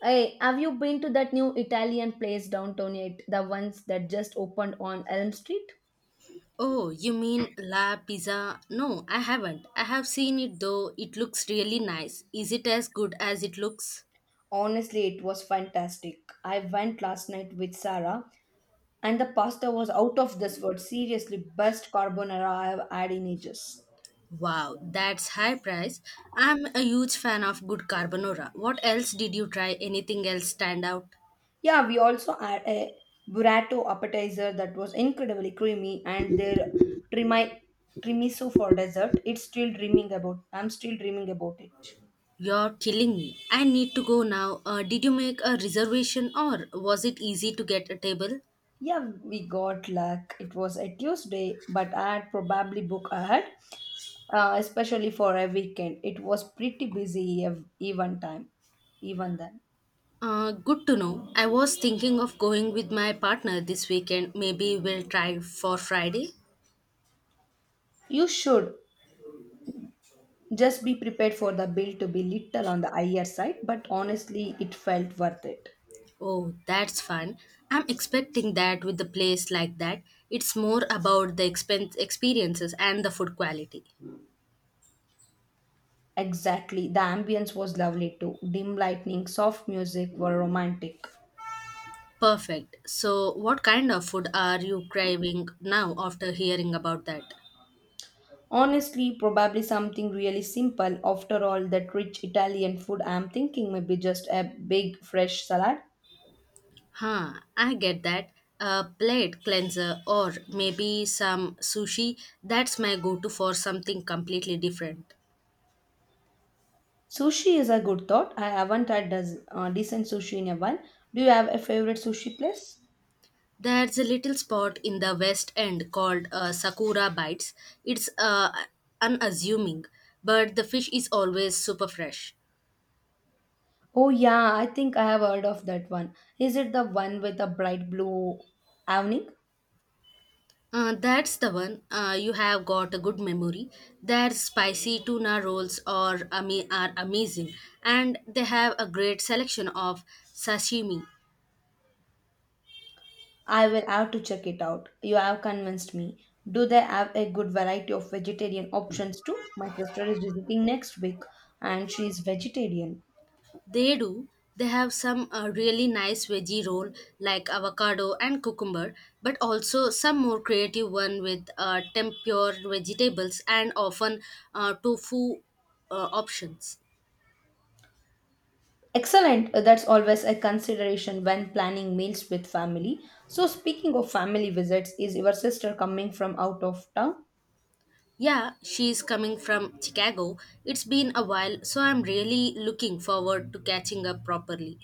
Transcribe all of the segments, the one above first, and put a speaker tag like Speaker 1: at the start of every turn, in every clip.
Speaker 1: Hey, have you been to that new Italian place downtown yet? The ones that just opened on Elm Street?
Speaker 2: Oh, you mean La Pizza? No, I haven't. I have seen it though. It looks really nice. Is it as good as it looks?
Speaker 1: Honestly, it was fantastic. I went last night with Sarah, and the pasta was out of this world. Seriously, best carbonara I have had in ages.
Speaker 2: Wow, that's high price. I'm a huge fan of good carbonara. What else did you try? Anything else stand out?
Speaker 1: Yeah, we also had a burrito appetizer that was incredibly creamy, and their trimi- trimiso for dessert. It's still dreaming about. I'm still dreaming about it.
Speaker 2: You're killing me. I need to go now. Did you make a reservation or was it easy to get a table?
Speaker 1: Yeah, we got luck. It was a Tuesday, but I had probably booked ahead, especially for a weekend. It was pretty busy even time, even then.
Speaker 2: Good to know. I was thinking of going with my partner this weekend. Maybe we'll try for Friday.
Speaker 1: You should just be prepared for the bill to be little on the higher side, but honestly, it felt worth it.
Speaker 2: Oh, that's fun. I'm expecting that with a place like that. It's more about the expense experiences and the food quality.
Speaker 1: Exactly. The ambience was lovely too. Dim lightning, soft music were romantic.
Speaker 2: Perfect. So, what kind of food are you craving now after hearing about that?
Speaker 1: Honestly, probably something really simple. After all, that rich Italian food, I'm thinking maybe just a big fresh salad.
Speaker 2: Huh, I get that. A plate cleanser or maybe some sushi. That's my go to for something completely different.
Speaker 1: Sushi is a good thought. I haven't had decent sushi in a while. Do you have a favorite sushi place?
Speaker 2: There's a little spot in the West End called Sakura Bites. It's unassuming, but the fish is always super fresh.
Speaker 1: Oh, yeah, I think I have heard of that one. Is it the one with the bright blue awning?
Speaker 2: That's the one. You have got a good memory. Their spicy tuna rolls are, are amazing, and they have a great selection of sashimi.
Speaker 1: I will have to check it out. You have convinced me. Do they have a good variety of vegetarian options too? My sister is visiting next week and she is vegetarian.
Speaker 2: They do. They have some really nice veggie roll like avocado and cucumber, but also some more creative one with tempura vegetables and often tofu options.
Speaker 1: Excellent. That's always a consideration when planning meals with family. So, speaking of family visits, is your sister coming from out of town?
Speaker 2: Yeah, she's coming from Chicago. It's been a while, so I'm really looking forward to catching up properly.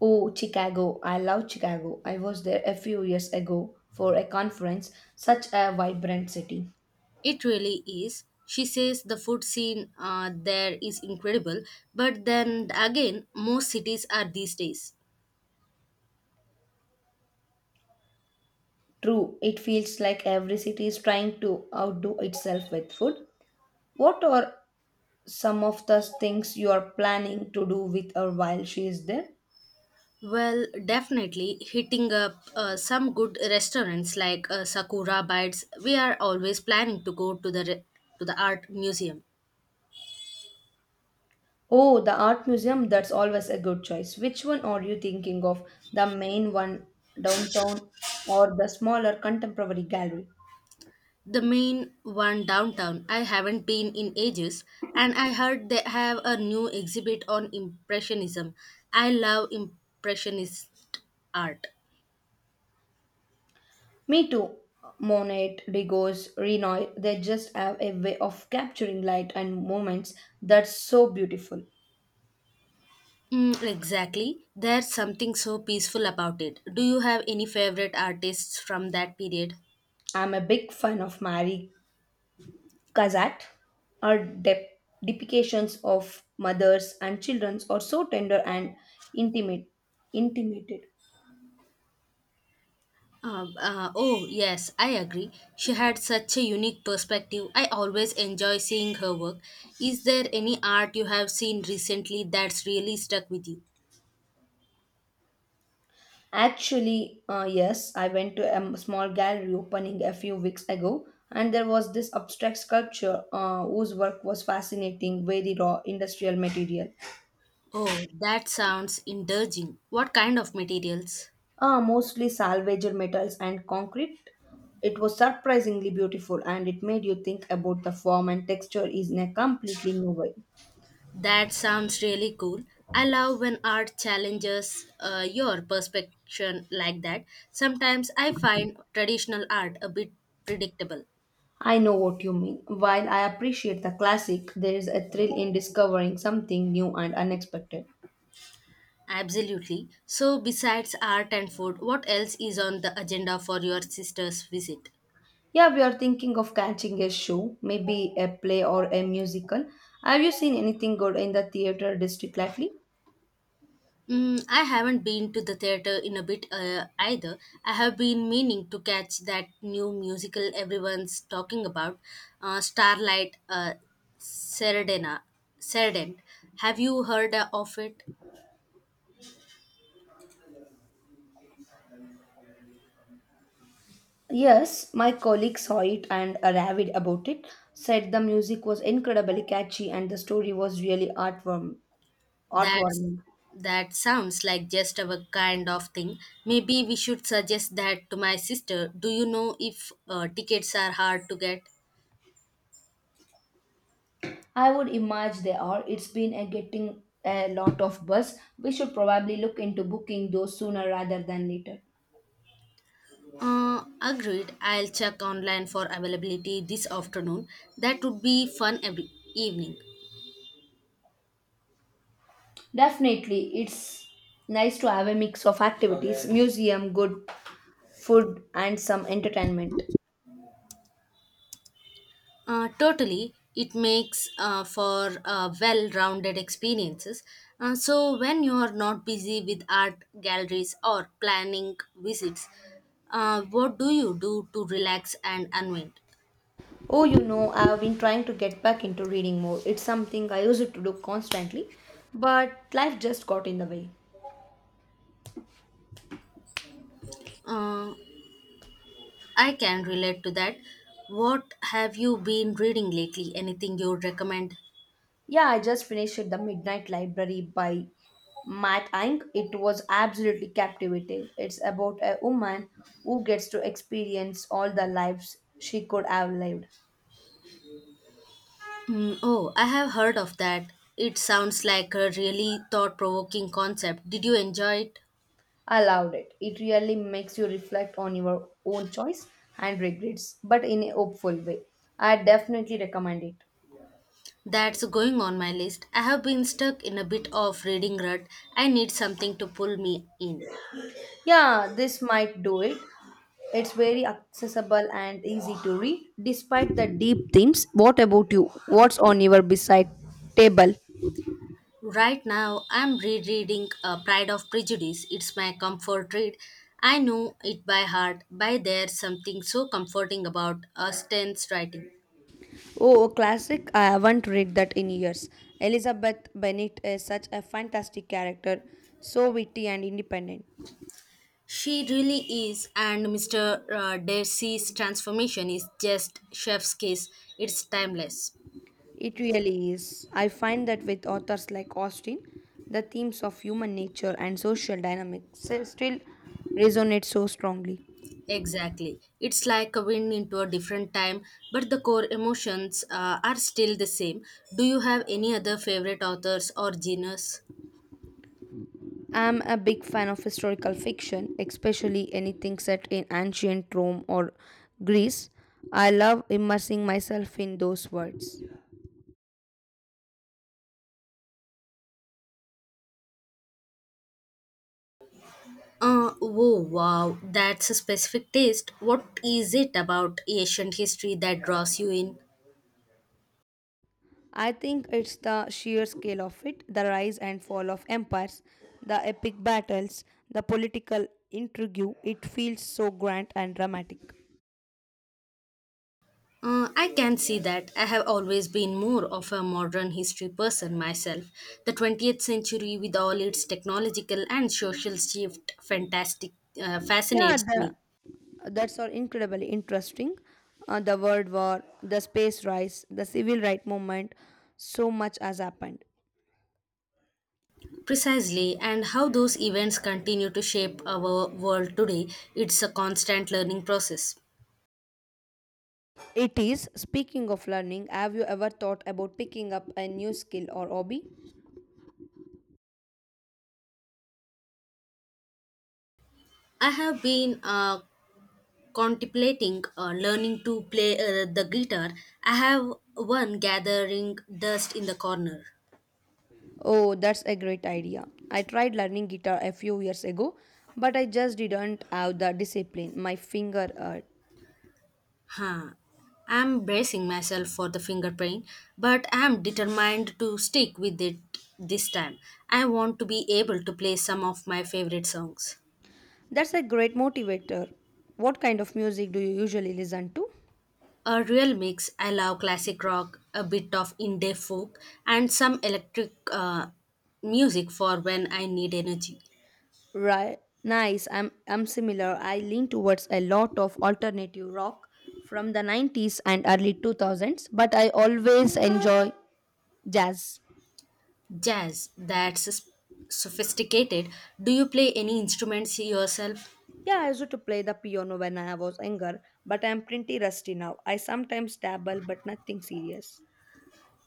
Speaker 1: Oh, Chicago. I love Chicago. I was there a few years ago for a conference. Such a vibrant city.
Speaker 2: It really is. She says the food scene there is incredible, but then again, most cities are these days.
Speaker 1: True, it feels like every city is trying to outdo itself with food. What are some of the things you are planning to do with her while she is there?
Speaker 2: Well, definitely hitting up some good restaurants like Sakura Bites. We are always planning to go to the to the art museum.
Speaker 1: Oh, the art museum, that's always a good choice. Which one are you thinking of? The main one downtown or the smaller contemporary gallery?
Speaker 2: The main one downtown. I haven't been in ages, and I heard they have a new exhibit on impressionism. I love impressionist art.
Speaker 1: Me too. Monet, Degas, Renoir, they just have a way of capturing light and moments that's so beautiful.
Speaker 2: Mm, exactly. There's something so peaceful about it. Do you have any favorite artists from that period?
Speaker 1: I'm a big fan of Marie Kazat. Her depictions of mothers and children are so tender and intimate, intimated.
Speaker 2: Oh, yes, I agree. She had such a unique perspective. I always enjoy seeing her work. Is there any art you have seen recently that's really stuck with you?
Speaker 1: Actually, yes, I went to a small gallery opening a few weeks ago, and there was this abstract sculpture whose work was fascinating, very raw industrial material,
Speaker 2: Oh, that sounds indulging. What kind of materials?
Speaker 1: mostly salvaged metals and concrete. It was surprisingly beautiful, and it made you think about the form and texture is in a completely new way.
Speaker 2: That sounds really cool. I love when art challenges your perception like that. Sometimes I find traditional art a bit predictable.
Speaker 1: I know what you mean. While I appreciate the classic, there is a thrill in discovering something new and unexpected.
Speaker 2: Absolutely. So, besides art and food, what else is on the agenda for your sister's visit?
Speaker 1: Yeah, we are thinking of catching a show, maybe a play or a musical. Have you seen anything good in the theater district lately?
Speaker 2: Mm, I haven't been to the theater in a bit either. I have been meaning to catch that new musical everyone's talking about, Starlight Serenade. Serenade. Have you heard of it?
Speaker 1: Yes, my colleague saw it and raved about it. Said the music was incredibly catchy and the story was really heartwarm,
Speaker 2: That's
Speaker 1: heartwarming.
Speaker 2: that sounds like just our kind of thing. Maybe we should suggest that to my sister. Do you know if tickets are hard to get?
Speaker 1: I would imagine they are. It's been a getting a lot of buzz. We should probably look into booking those sooner rather than later.
Speaker 2: Agreed. I'll check online for availability this afternoon. That would be fun every evening.
Speaker 1: Definitely, it's nice to have a mix of activities, museum, good food, and some entertainment.
Speaker 2: Totally. It makes for well rounded experiences. So, when you are not busy with art galleries or planning visits, what do you do to relax and unwind?
Speaker 1: Oh, you know, I've been trying to get back into reading more. It's something I used to do constantly, but life just got in the way.
Speaker 2: Uh, I can relate to that. What have you been reading lately? Anything you would recommend?
Speaker 1: Yeah, I just finished The Midnight Library by Matt Ink. It was absolutely captivating. It's about a woman who gets to experience all the lives she could have lived.
Speaker 2: Mm, oh, I have heard of that. It sounds like a really thought provoking concept. Did you enjoy it?
Speaker 1: I loved it. It really makes you reflect on your own choice and regrets, but in a hopeful way. I definitely recommend it.
Speaker 2: That's going on my list. I have been stuck in a bit of reading rut. I need something to pull me in.
Speaker 1: Yeah, this might do it. It's very accessible and easy to read, despite the deep themes. What about you? What's on your beside table?
Speaker 2: Right now, I'm rereading Pride of Prejudice. It's my comfort read. I know it by heart, by there's something so comforting about Austen's writing.
Speaker 1: Oh, a classic. I haven't read that in years. Elizabeth Bennet is such a fantastic character, so witty and independent.
Speaker 2: She really is, and Mr. Darcy's transformation is just chef's kiss. It's timeless.
Speaker 1: It really is. I find that with authors like Austin, the themes of human nature and social dynamics still resonate so strongly.
Speaker 2: Exactly. It's like a wind into a different time, but the core emotions are still the same. Do you have any other favorite authors or genres?
Speaker 1: I'm a big fan of historical fiction, especially anything set in ancient Rome or Greece. I love immersing myself in those worlds.
Speaker 2: Oh wow, that's a specific taste. What is it about ancient history that draws you in?
Speaker 1: I think it's the sheer scale of it, the rise and fall of empires, the epic battles, the political intrigue. It feels so grand and dramatic.
Speaker 2: I can see that. I have always been more of a modern history person myself. The 20th century, with all its technological and social shift, fantastic
Speaker 1: Yeah,
Speaker 2: fascinates
Speaker 1: the
Speaker 2: me.
Speaker 1: that's all incredibly interesting. The world war, the space race, the civil right movement, so much has happened.
Speaker 2: Precisely, and how those events continue to shape our world today, it's a constant learning process.
Speaker 1: It is, speaking of learning, have you ever thought about picking up a new skill or hobby?
Speaker 2: I have been contemplating learning to play the guitar. I have one gathering dust in the corner.
Speaker 1: Oh, that's a great idea. I tried learning guitar a few years ago, but I just didn't have the discipline. My finger hurt.
Speaker 2: Huh. I'm bracing myself for the fingerprint, but I'm determined to stick with it this time. I want to be able to play some of my favorite songs.
Speaker 1: That's a great motivator. What kind of music do you usually listen to?
Speaker 2: A real mix. I love classic rock, a bit of indie folk, and some electric music for when I need energy.
Speaker 1: Right. Nice. I'm similar. I lean towards a lot of alternative rock from the 90s and early 2000s, but I always enjoy jazz.
Speaker 2: Jazz, that's sophisticated. Do you play any instruments yourself?
Speaker 1: Yeah, I used to play the piano when I was younger, but I'm pretty rusty now. I sometimes dabble, but nothing serious.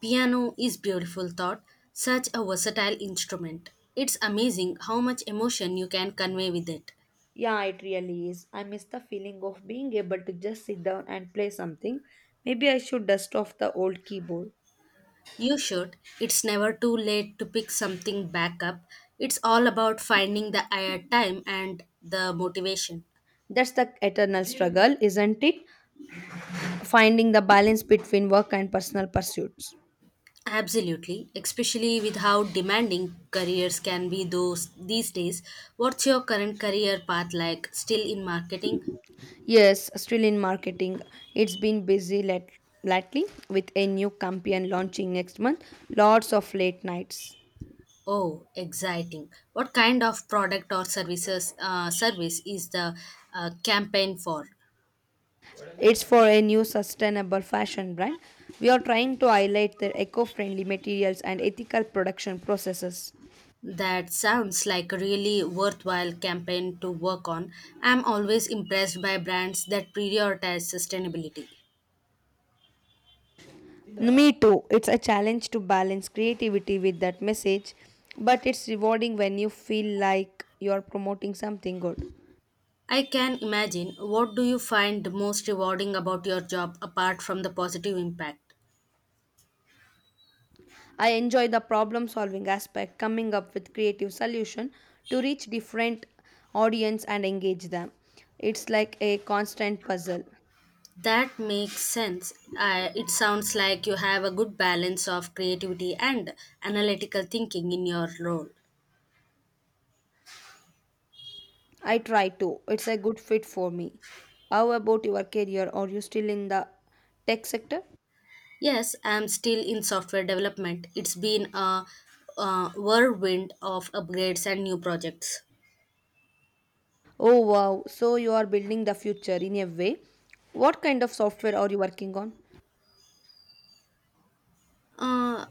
Speaker 2: Piano is beautiful thought, such a versatile instrument. It's amazing how much emotion you can convey with it.
Speaker 1: Yeah, it really is. I miss the feeling of being able to just sit down and play something. Maybe I should dust off the old keyboard.
Speaker 2: You should. It's never too late to pick something back up. It's all about finding the time and the motivation.
Speaker 1: That's the eternal struggle, isn't it? Finding the balance between work and personal pursuits.
Speaker 2: Absolutely, especially with how demanding careers can be those these days. What's your current career path like? Still in marketing?
Speaker 1: Yes, still in marketing. It's been lately with a new campaign launching next month. Lots of late nights.
Speaker 2: Oh, exciting. What kind of product or services service is the campaign for?
Speaker 1: It's for a new sustainable fashion brand. We are trying to highlight their eco friendly materials and ethical production processes.
Speaker 2: That sounds like a really worthwhile campaign to work on. I'm always impressed by brands that prioritize sustainability.
Speaker 1: Me too. It's a challenge to balance creativity with that message, but it's rewarding when you feel like you're promoting something good.
Speaker 2: I can imagine. What do you find most rewarding about your job apart from the positive impact?
Speaker 1: I enjoy the problem solving aspect, coming up with creative solution to reach different audience and engage them. It's like a constant puzzle.
Speaker 2: That makes sense. I it sounds like you have a good balance of creativity and analytical thinking in your role.
Speaker 1: I try to. It's a good fit for me. How about your career? Are you still in the tech sector?
Speaker 2: Yes, I'm still in software development. It's been a, whirlwind of upgrades and new projects.
Speaker 1: Oh wow, so you are building the future in a way. What kind of software are you working on?
Speaker 2: Uh,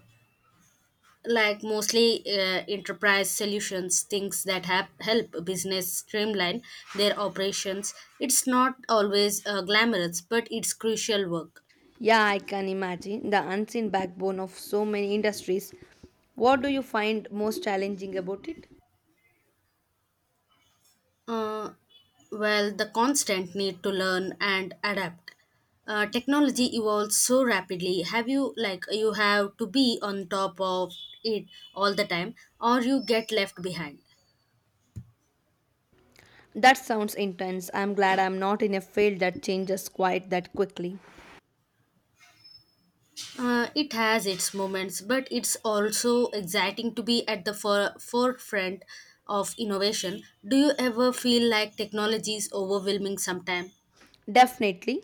Speaker 2: like mostly Enterprise solutions, things that have help business streamline their operations. It's not always glamorous, but it's crucial work.
Speaker 1: Yeah, I can imagine the unseen backbone of so many industries. What do you find most challenging about it?
Speaker 2: Uh, well, the constant need to learn and adapt. Technology evolves so rapidly. Have you like You have to be on top of it all the time, or you get left behind?
Speaker 1: That sounds intense. I'm glad I'm not in a field that changes quite that quickly.
Speaker 2: It has its moments, but it's also exciting to be at the forefront of innovation. Do you ever feel like technology is overwhelming sometime?
Speaker 1: Definitely.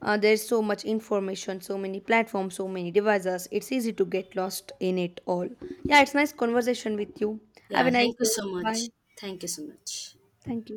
Speaker 1: There's so much information, so many platforms, so many devices. It's easy to get lost in it all. Yeah, it's nice conversation with you. Have a
Speaker 2: Yeah,
Speaker 1: nice
Speaker 2: thank you
Speaker 1: day.
Speaker 2: so
Speaker 1: Bye.
Speaker 2: much. Thank you so much.
Speaker 1: Thank you.